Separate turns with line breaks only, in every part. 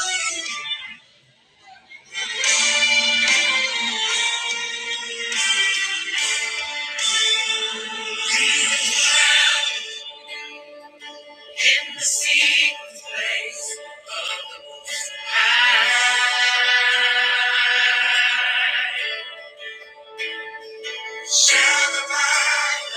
In the secret place, I shall abide.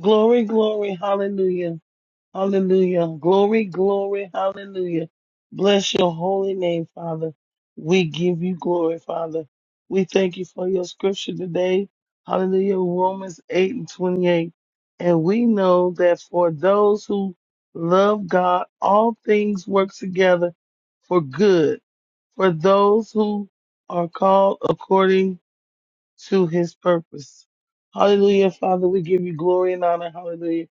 Glory, glory, hallelujah, hallelujah. Glory, glory, hallelujah. Bless your holy name, Father. We give you glory, Father. We thank you for your scripture today. Hallelujah, Romans 8 and 28. And we know that for those who love God, all things work together for good. For those who are called according to his purpose. Hallelujah, Father, we give you glory and honor. Hallelujah.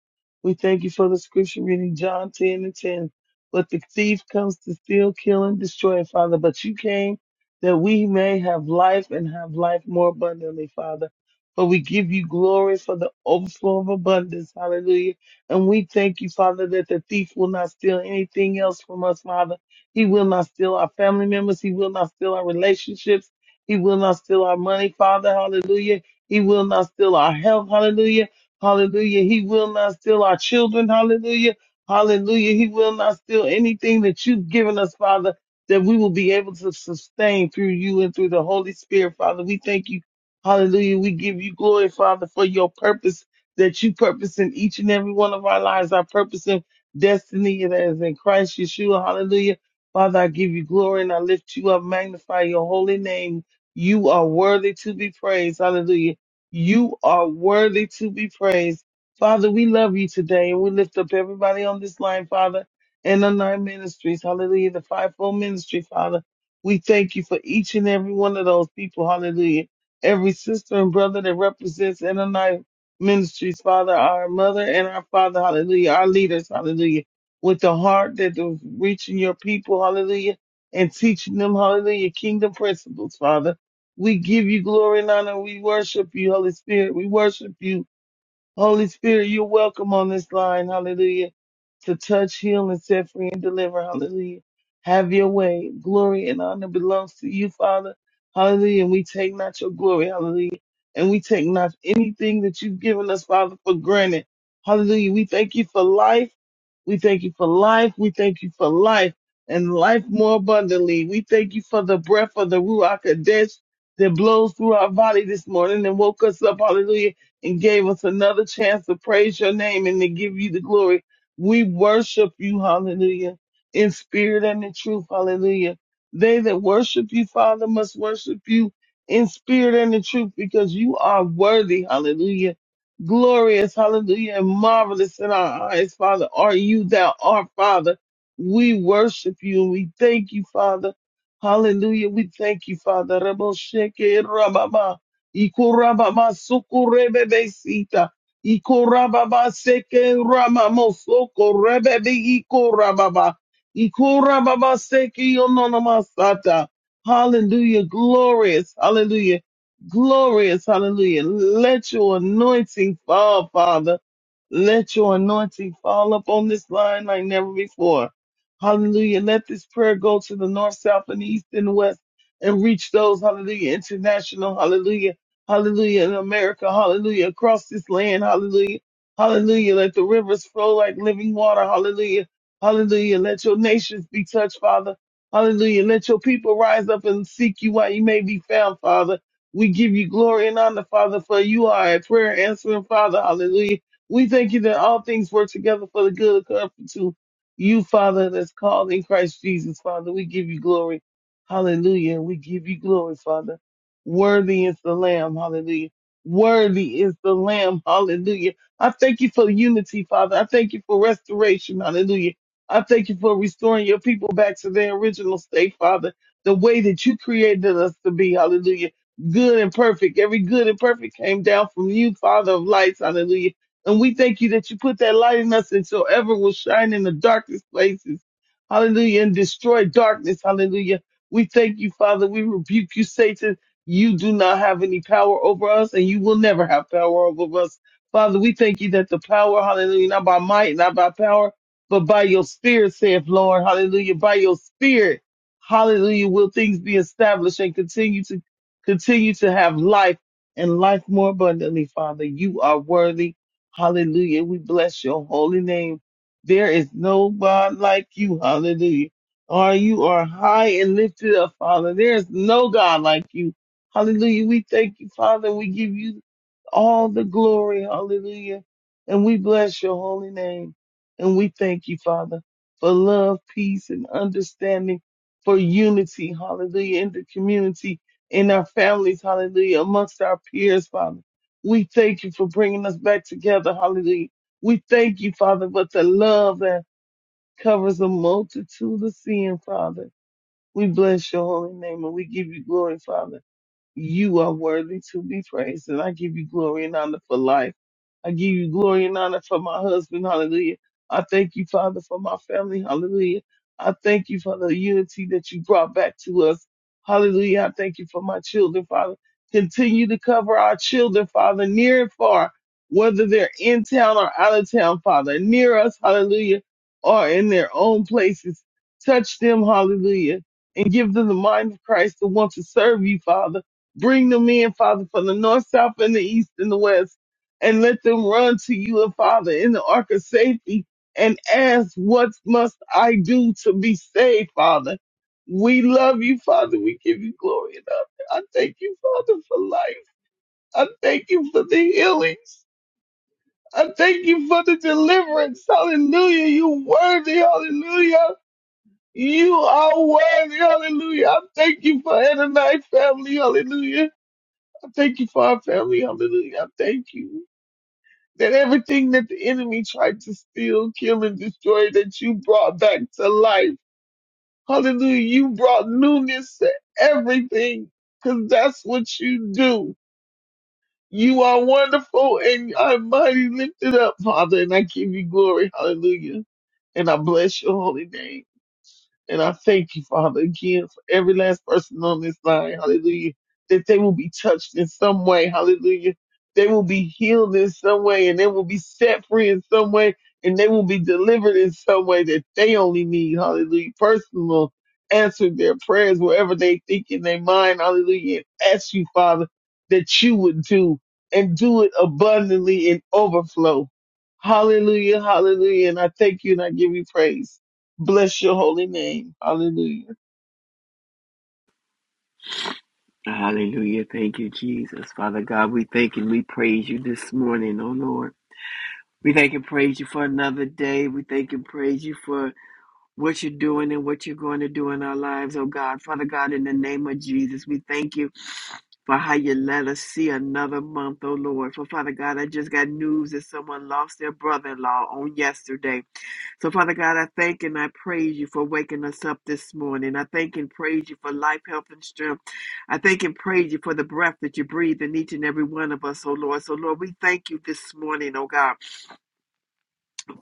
We thank you for the scripture reading, John 10 and 10. But the thief comes to steal, kill, and destroy, Father. But you came that we may have life and have life more abundantly, Father. But we give you glory for the overflow of abundance. Hallelujah. And we thank you, Father, that the thief will not steal anything else from us, Father. He will not steal our family members. He will not steal our relationships. He will not steal our money, Father. Hallelujah. He will not steal our health. Hallelujah. Hallelujah. He will not steal our children. Hallelujah. Hallelujah. He will not steal anything that you've given us, Father, that we will be able to sustain through you and through the Holy Spirit, Father. We thank you. Hallelujah. We give you glory, Father, for your purpose that you purpose in each and every one of our lives, our purpose and destiny that is in Christ Yeshua. Hallelujah. Father, I give you glory and I lift you up, magnify your holy name. You are worthy to be praised. Hallelujah. You are worthy to be praised. Father, we love you today and we lift up everybody on this line, Father, and the nine ministries. Hallelujah. The fivefold ministry, Father. We thank you for each and every one of those people. Hallelujah. Every sister and brother that represents in the nine ministries, Father, our mother and our father. Hallelujah. Our leaders. Hallelujah. With the heart that is reaching your people. Hallelujah. And teaching them. Hallelujah. Kingdom principles, Father. We give you glory and honor. We worship you, Holy Spirit. We worship you. Holy Spirit, you're welcome on this line. Hallelujah. To touch, heal, and set free and deliver. Hallelujah. Have your way. Glory and honor belongs to you, Father. Hallelujah. And we take not your glory. Hallelujah. And we take not anything that you've given us, Father, for granted. Hallelujah. We thank you for life. We thank you for life. We thank you for life and life more abundantly. We thank you for the breath of the Ruach Kadesh that blows through our body this morning and woke us up. Hallelujah and gave us another chance to praise your name and to give you the glory. We worship you, hallelujah, in spirit and in truth, hallelujah. They that worship you, Father, must worship you in spirit and in truth because you are worthy, hallelujah. Glorious, hallelujah, and marvelous in our eyes, Father, are you thou art, Father. We worship you and we thank you, Father. Hallelujah. We thank you, Father. Ikorababa sokorebebesita. Ikorababa seke ramamo sokorebebe ikorababa. Ikorababa seke yononomasata. Hallelujah. Glorious. Hallelujah. Glorious. Hallelujah. Let your anointing fall, Father. Let your anointing fall upon this line like never before. Hallelujah. Let this prayer go to the north, south, and east and west and reach those, hallelujah, international, hallelujah Hallelujah. In America, hallelujah. Across this land, hallelujah. Hallelujah. Let the rivers flow like living water. Hallelujah. Hallelujah. Let your nations be touched, Father. Hallelujah. Let your people rise up and seek you while you may be found, Father. We give you glory and honor, Father, for you are a prayer answering Father. Hallelujah. We thank you that all things work together for the good of God to you, Father, that's called in Christ Jesus, Father. We give you glory. Hallelujah. We give you glory, Father. Worthy is the Lamb. Hallelujah. Worthy is the Lamb. Hallelujah. I thank you for unity, Father. I thank you for restoration. Hallelujah. I thank you for restoring your people back to their original state, Father, the way that you created us to be. Hallelujah. Good and perfect. Every good and perfect came down from you, Father of lights. Hallelujah. And we thank you that you put that light in us and so ever will shine in the darkest places. Hallelujah. And destroy darkness. Hallelujah. We thank you, Father. We rebuke you, Satan. You do not have any power over us, and you will never have power over us. Father, we thank you that the power, hallelujah, not by might, not by power, but by your spirit, saith Lord, hallelujah. By your spirit, hallelujah, will things be established and continue to continue to have life and life more abundantly, Father. You are worthy. Hallelujah. We bless your holy name. There is no God like you. Hallelujah. Are you are high and lifted up, Father. There is no God like you. Hallelujah. We thank you, Father. We give you all the glory. Hallelujah. And we bless your holy name. And we thank you, Father, for love, peace, and understanding, for unity. Hallelujah. In the community, in our families. Hallelujah. Amongst our peers, Father. We thank you for bringing us back together. Hallelujah. We thank you, Father, for the love that covers a multitude of sin, Father. We bless your holy name and we give you glory, Father. You are worthy to be praised, and I give you glory and honor for life. I give you glory and honor for my husband. Hallelujah. I thank you, Father, for my family. Hallelujah. I thank you for the unity that you brought back to us. Hallelujah. I thank you for my children, Father. Continue to cover our children, Father, near and far, whether they're in town or out of town, Father, near us, hallelujah, or in their own places. Touch them, hallelujah, and give them the mind of Christ to want to serve you, Father. Bring them in, Father, from the north, south, and the east and the west, and let them run to you and Father in the ark of safety and ask, what must I do to be saved, Father? We love you, Father. We give you glory and honor. I thank you, Father, for life. I thank you for the healings. I thank you for the deliverance. Hallelujah. You worthy. Hallelujah. You are worthy. Hallelujah. I thank you for Ananite family. Hallelujah. I thank you for our family. Hallelujah. I thank you that everything that the enemy tried to steal, kill, and destroy, that you brought back to life. Hallelujah. You brought newness to everything because that's what you do. You are wonderful and you are mighty lifted up, Father, and I give you glory. Hallelujah. And I bless your holy name. And I thank you, Father, again for every last person on this line. Hallelujah. That they will be touched in some way. Hallelujah. They will be healed in some way and they will be set free in some way and they will be delivered in some way that they only need. Hallelujah. Personal answer their prayers wherever they think in their mind. Hallelujah. And ask you, Father, that you would do and do it abundantly in overflow. Hallelujah. Hallelujah. And I thank you and I give you praise. Bless your holy name. Hallelujah.
Hallelujah. Thank you, Jesus. Father God, we thank and we praise you this morning, oh Lord. We thank and praise you for another day. We thank and praise you for what you're doing and what you're going to do in our lives, oh God. Father God, in the name of Jesus, we thank you for how you let us see another month, oh Lord. For Father God, I just got news that someone lost their brother in law on yesterday. So, Father God, I thank and I praise you for waking us up this morning. I thank and praise you for life, health, and strength. I thank and praise you for the breath that you breathe in each and every one of us, oh Lord. So, Lord, we thank you this morning, oh God.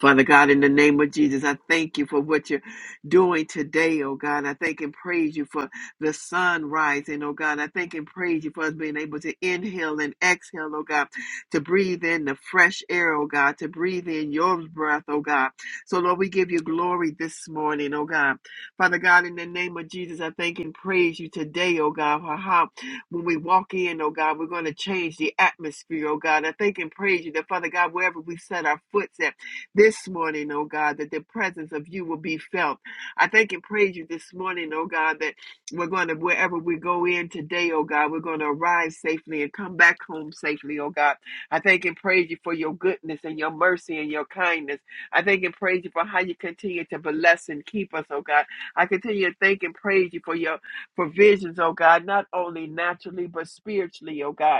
Father God, in the name of Jesus, I thank you for what you're doing today, oh God. I thank and praise you for the sun rising, oh God. I thank and praise you for us being able to inhale and exhale, oh God, to breathe in the fresh air, oh God, to breathe in your breath, oh God. So, Lord, we give you glory this morning, oh God. Father God, in the name of Jesus, I thank and praise you today, oh God, for how when we walk in, oh God, we're going to change the atmosphere, oh God. I thank and praise you that, Father God, wherever we set our foot at, this morning, oh God, that the presence of you will be felt. I thank and praise you this morning, oh God, that we're going to, wherever we go in today, oh God, we're going to arrive safely and come back home safely, oh God. I thank and praise you for your goodness and your mercy and your kindness. I thank and praise you for how you continue to bless and keep us, oh God. I continue to thank and praise you for your provisions, oh God, not only naturally, but spiritually, oh God.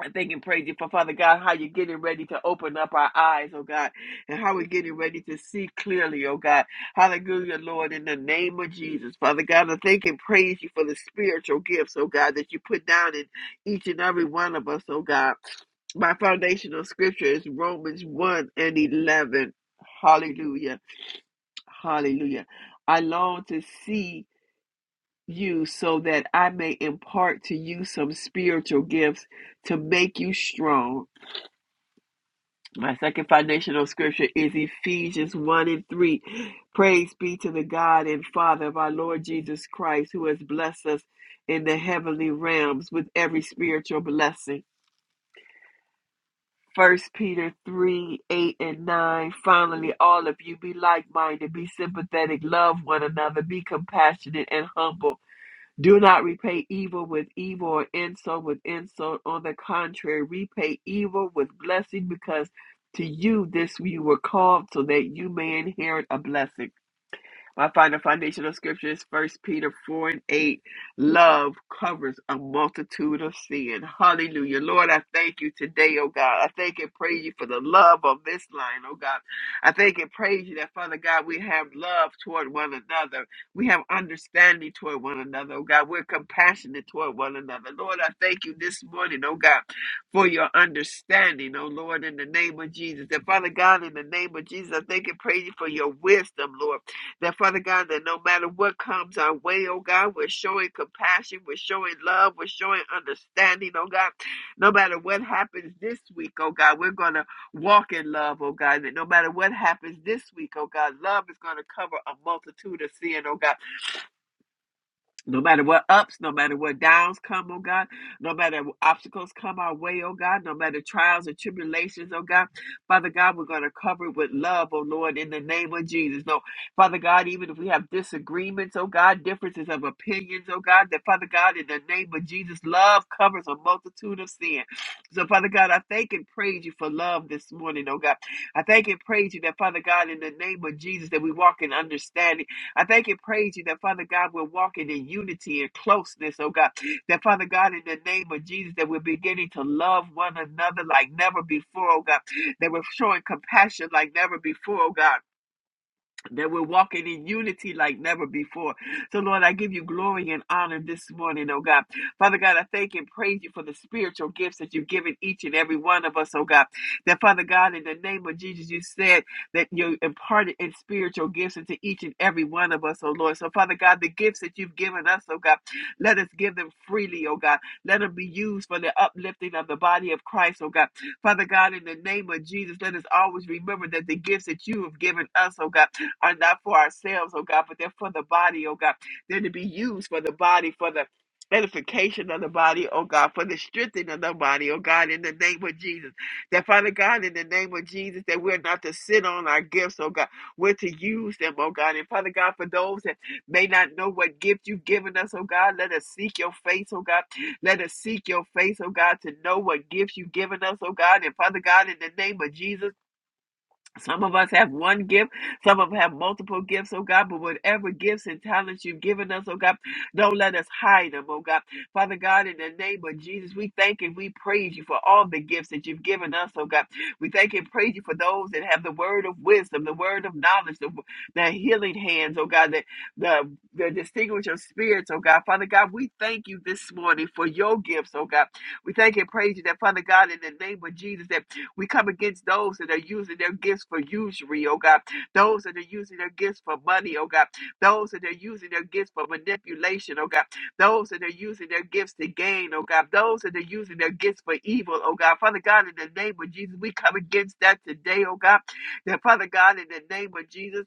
I thank and praise you for Father God, how you're getting ready to open up our eyes, oh God, and how we're getting ready to see clearly, oh God. Hallelujah, Lord, in the name of Jesus. Father God, I thank and praise you for the spiritual gifts, oh God, that you put down in each and every one of us, oh God. My foundational scripture is Romans 1 and 11. Hallelujah. Hallelujah. I long to see you so that I may impart to you some spiritual gifts to make you strong my second foundational scripture is Ephesians 1 and 3. Praise be to the God and Father of our Lord Jesus Christ, who has blessed us in the heavenly realms with every spiritual blessing. First Peter 3 8 and 9. Finally, all of you be like minded, be sympathetic, love one another, be compassionate and humble. Do not repay evil with evil or insult with insult. On the contrary, repay evil with blessing because to you this you were called so that you may inherit a blessing. I find the foundation of scripture is First Peter 4 and 8. Love covers a multitude of sin. Hallelujah. Lord, I thank you today, oh God. I thank and praise you for the love of this line, oh God. I thank and praise you that, Father God, we have love toward one another. We have understanding toward one another, oh God. We're compassionate toward one another. Lord, I thank you this morning, oh God, for your understanding, oh Lord, in the name of Jesus. And Father God, in the name of Jesus, I thank and praise you for your wisdom, Lord. That Father God, that no matter what comes our way, oh God, we're showing compassion, we're showing love, we're showing understanding, oh God. No matter what happens this week, oh God, we're going to walk in love, oh God. That no matter what happens this week, oh God, love is going to cover a multitude of sin, oh God. No matter what ups, no matter what downs come, oh God, no matter what obstacles come our way, oh God, no matter trials or tribulations, oh God, Father God, we're going to cover it with love, oh Lord, in the name of Jesus. No, Father God, even if we have disagreements, oh God, differences of opinions, oh God, that Father God, in the name of Jesus, love covers a multitude of sin. So, Father God, I thank and praise you for love this morning, oh God. I thank and praise you that, Father God, in the name of Jesus, that we walk in understanding. I thank and praise you that Father God we're walking in unity and closeness, oh God. That Father God, in the name of Jesus, that we're beginning to love one another like never before, oh God. That we're showing compassion like never before, oh God that we're walking in unity like never before. So, Lord, I give you glory and honor this morning, oh God. Father God, I thank and praise you for the spiritual gifts that you've given each and every one of us, oh God. That, Father God, in the name of Jesus, you said that you imparted in spiritual gifts into each and every one of us, oh Lord. So, Father God, the gifts that you've given us, oh God, let us give them freely, oh God. Let them be used for the uplifting of the body of Christ, oh God. Father God, in the name of Jesus, let us always remember that the gifts that you have given us, oh God, are not for ourselves, oh God, but they're for the body, oh God. They're to be used for the body, for the edification of the body, oh God, for the strengthening of the body, oh God, in the name of Jesus. That Father God, in the name of Jesus, that we're not to sit on our gifts, oh God. We're to use them, oh God. And Father God, for those that may not know what gift you've given us, oh God, let us seek your face, oh God. Let us seek your face, oh God, to know what gifts you've given us, oh God. And Father God, in the name of Jesus. Some of us have one gift, some of us have multiple gifts, oh God, but whatever gifts and talents you've given us, oh God, don't let us hide them, oh God. Father God, in the name of Jesus, we thank and we praise you for all the gifts that you've given us, oh God. We thank and praise you for those that have the word of wisdom, the word of knowledge, the, the healing hands, oh God, that the, the distinguish of spirits, oh God. Father God, we thank you this morning for your gifts, oh God. We thank and praise you that, Father God, in the name of Jesus, that. We come against those that are using their gifts for usury, oh God. Those that are using their gifts for money, oh God. Those that are using their gifts for manipulation, oh God. Those that are using their gifts to gain, oh God. Those that are using their gifts for evil, oh God. Father God, in the name of Jesus, we come against that today, oh God. That Father God, in the name of Jesus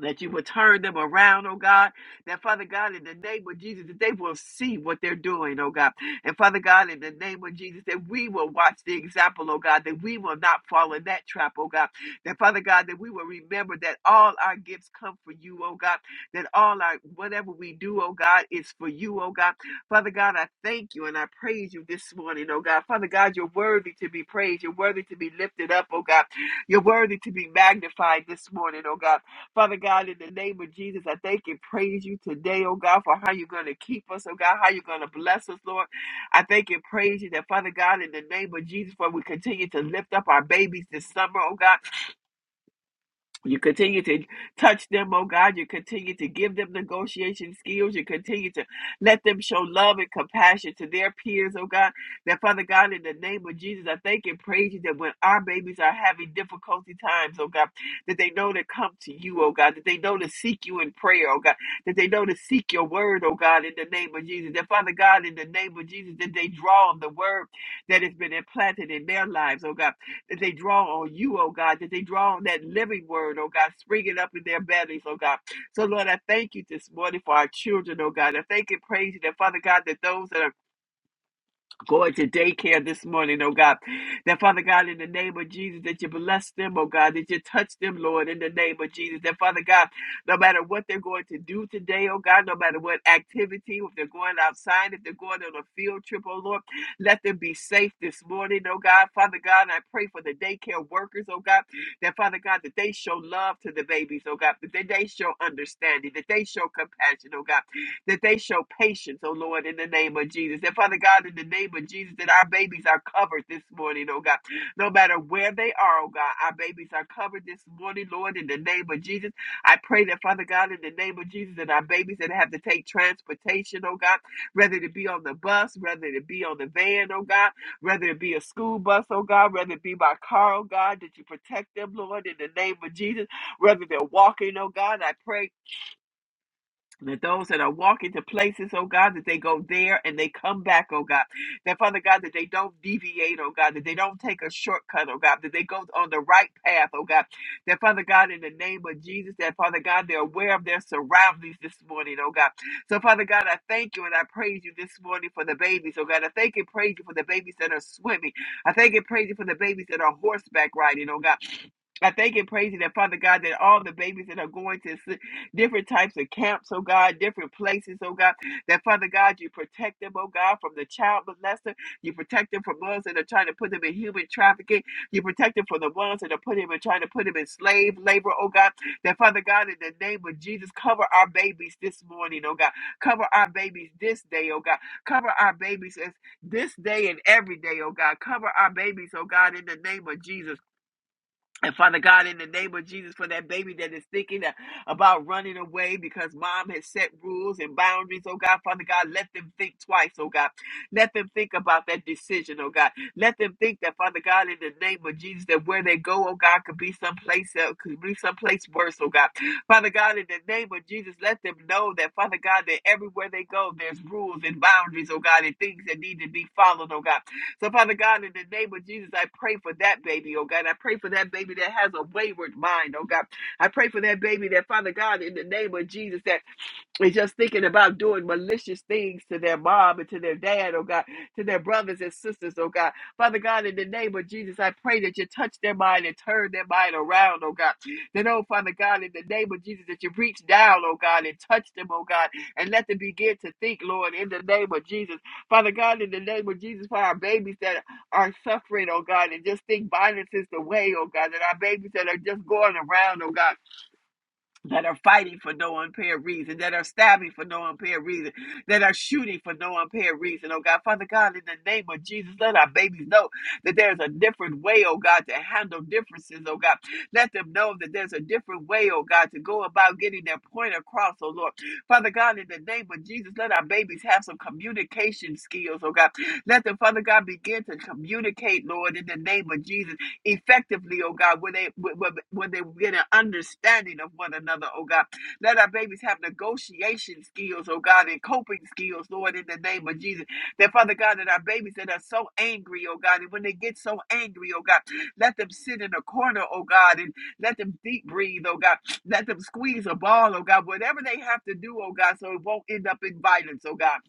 that you would turn them around, oh God. That Father God, in the name of Jesus, that they will see what they're doing, oh God. And Father God, in the name of Jesus, that we will watch the example, oh God, that we will not fall in that trap, oh God. That Father God, that we will remember that all our gifts come from you, oh God. That all our whatever we do, oh God, is for you, oh God. Father God, I thank you and I praise you this morning, oh God. Father God, you're worthy to be praised. You're worthy to be lifted up, oh God. You're worthy to be magnified this morning, oh God. Father God, in the name of Jesus, I thank and praise you today, oh God, for how you're going to keep us, oh God, how you're going to bless us, Lord. I thank and praise you that, Father God, in the name of Jesus, for we continue to lift up our babies this summer, oh God. You continue to touch them, oh God. You continue to give them negotiation skills. You continue to let them show love and compassion to their peers, oh God. That Father God, in the name of Jesus, I thank and praise you that when our babies are having difficulty times, oh God, that they know to come to you, oh God, that they know to seek you in prayer, oh God, that they know to seek your word, oh God, in the name of Jesus. That Father God, in the name of Jesus, that they draw on the word that has been implanted in their lives, oh God that they draw on you, oh God, that they draw on that living word, oh God, springing up in their bellies, oh God. So, Lord, I thank you this morning for our children, oh God. I thank and praise you that, Father God, that those that are going to daycare this morning, oh God. That Father God, in the name of Jesus, that you bless them, oh God, that you touch them, Lord, in the name of Jesus. That Father God, no matter what they're going to do today, oh God, no matter what activity, if they're going outside, if they're going on a field trip, oh Lord, let them be safe this morning, oh God. Father God, I pray for the daycare workers, oh God, that Father God, that they show love to the babies, oh God, that they show understanding, that they show compassion, oh God that they show patience, oh Lord, in the name of Jesus. And Father God, in the name of Jesus, that our babies are covered this morning, oh God. No matter where they are, oh God, our babies are covered this morning, Lord, in the name of Jesus. I pray that, Father God, in the name of Jesus, that our babies that have to take transportation, oh God, whether it be on the bus, whether it be on the van, oh God, whether it be a school bus, oh God, whether it be by car, oh God, that you protect them, Lord, in the name of Jesus, whether they're walking, oh God, I pray that those that are walking to places, oh God, that they go there and they come back, oh God. That Father God, that they don't deviate, oh God, that they don't take a shortcut, oh God, that they go on the right path, oh God. That Father God, in the name of Jesus, that Father God, they're aware of their surroundings this morning, oh God. So Father God, I thank you and I praise you this morning for the babies, oh God. I thank and praise you for the babies that are swimming. I thank and praise you for the babies that are horseback riding, oh God. I thank and praise you that Father God that all the babies that are going to different types of camps, oh God, different places, oh God, that Father God, you protect them, oh God, from the child molester. You protect them from those that are trying to put them in human trafficking. You protect them from the ones that are putting them and trying to put them in slave labor, oh God. That Father God, in the name of Jesus, cover our babies this morning, oh God. Cover our babies this day, oh God. Cover our babies as this day and every day, oh God. Cover our babies, oh God, in the name of Jesus. And Father God, in the name of Jesus, for that baby that is thinking a- about running away because mom has set rules and boundaries, oh God, Father God, let them think twice, oh God. Let them think about that decision, oh God. Let them think that, Father God, in the name of Jesus, that where they go, oh God, could be someplace else, could be someplace worse, oh God. Father God, in the name of Jesus, let them know that, Father God, that everywhere they go, there's rules and boundaries, oh God, and things that need to be followed, oh God. So, Father God, in the name of Jesus, I pray for that baby, oh God. I pray for that baby that has a wayward mind, oh God. I pray for that baby that, Father God, in the name of Jesus, that and just thinking about doing malicious things to their mom and to their dad, oh God, to their brothers and sisters, oh God. Father God, in the name of Jesus, I pray that you touch their mind and turn their mind around, oh God. Then, oh Father God, in the name of Jesus, that you reach down, oh God, and touch them, oh God, and let them begin to think, Lord, in the name of Jesus. Father God, in the name of Jesus, for our babies that are suffering, oh God, and just think violence is the way, oh God, and our babies that are just going around, oh God that are fighting for no unfair reason, that are stabbing for no unfair reason, that are shooting for no unfair reason. Oh God, Father God, in the name of Jesus, let our babies know that there's a different way, oh God, to handle differences, oh God. Let them know that there's a different way, oh God, to go about getting their point across, oh Lord. Father God, in the name of Jesus, let our babies have some communication skills, oh God. Let them, Father God, begin to communicate, Lord, in the name of Jesus effectively, oh God, where they where, where they get an understanding of one another, oh God. Let our babies have negotiation skills, oh God, and coping skills, Lord, in the name of Jesus. That Father God, that our babies that are so angry, oh God, and when they get so angry, oh God, let them sit in a corner, oh God, and let them deep breathe, oh God. Let them squeeze a ball, oh God, whatever they have to do, oh God, so it won't end up in violence, oh God.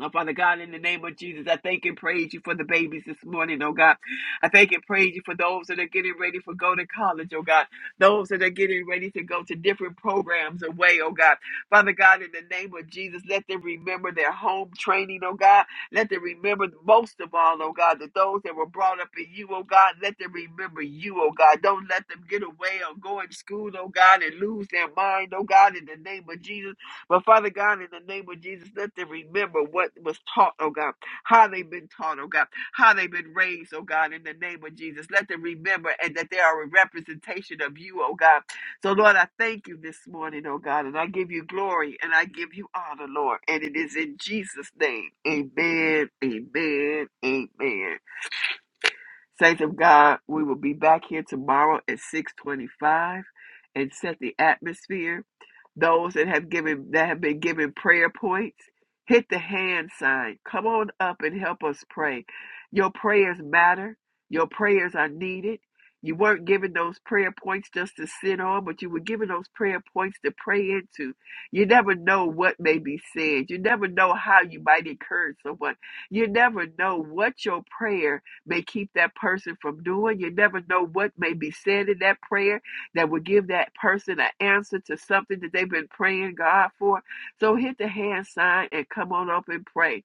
Oh, Father God, in the name of Jesus, I thank and praise you for the babies this morning, oh God. I thank and praise you for those that are getting ready for go to college, oh God. Those that are getting ready to go to different programs away, oh God. Father God, in the name of Jesus, let them remember their home training, oh God. Let them remember most of all, oh God, that those that were brought up in you, oh God, let them remember you, oh God. Don't let them get away or go in school, oh God, and lose their mind, oh God, in the name of Jesus. But Father God, in the name of Jesus, let them remember what was taught, oh God, how they've been taught, oh God, how they've been raised, oh God, in the name of Jesus. Let them remember and that they are a representation of you, oh God. So, Lord, I thank you this morning, oh God, and I give you glory and I give you honor, Lord. And it is in Jesus' name. Amen, amen, amen. Saints of God, we will be back here tomorrow at 625 and set the atmosphere those that have given that have been given prayer points, hit the hand sign. Come on up and help us pray. Your prayers matter. Your prayers are needed. You weren't given those prayer points just to sit on, but you were given those prayer points to pray into. You never know what may be said. You never know how you might encourage someone. You never know what your prayer may keep that person from doing. You never know what may be said in that prayer that would give that person an answer to something that they've been praying God for. So hit the hand sign and come on up and pray.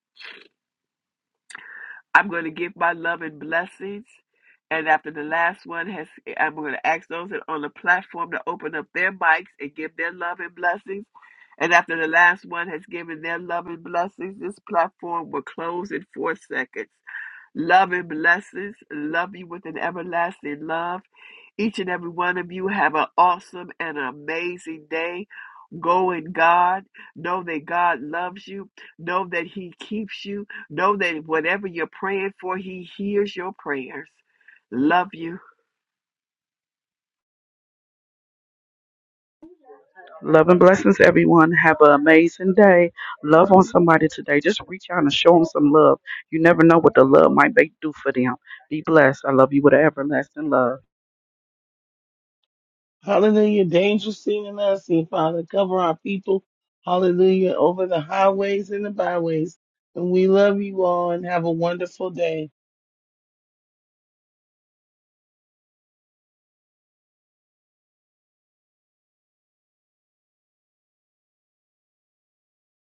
I'm going to give my love and blessings. And after the last one has, I'm going to ask those that on the platform to open up their mics and give their love and blessings. And after the last one has given their love and blessings, this platform will close in four seconds. Love and blessings. Love you with an everlasting love. Each and every one of you have an awesome and amazing day. Go in God. Know that God loves you. Know that He keeps you. Know that whatever you're praying for, He hears your prayers. Love you
Love and blessings, everyone. Have an amazing day. Love on somebody today. Just reach out and show them some love. You never know what the love might make do for them. Be blessed. I love you with an everlasting love.
Hallelujah. Danger seen and unseen, Father. Cover our people. Hallelujah. Over the highways and the byways. And we love you all and have a wonderful day.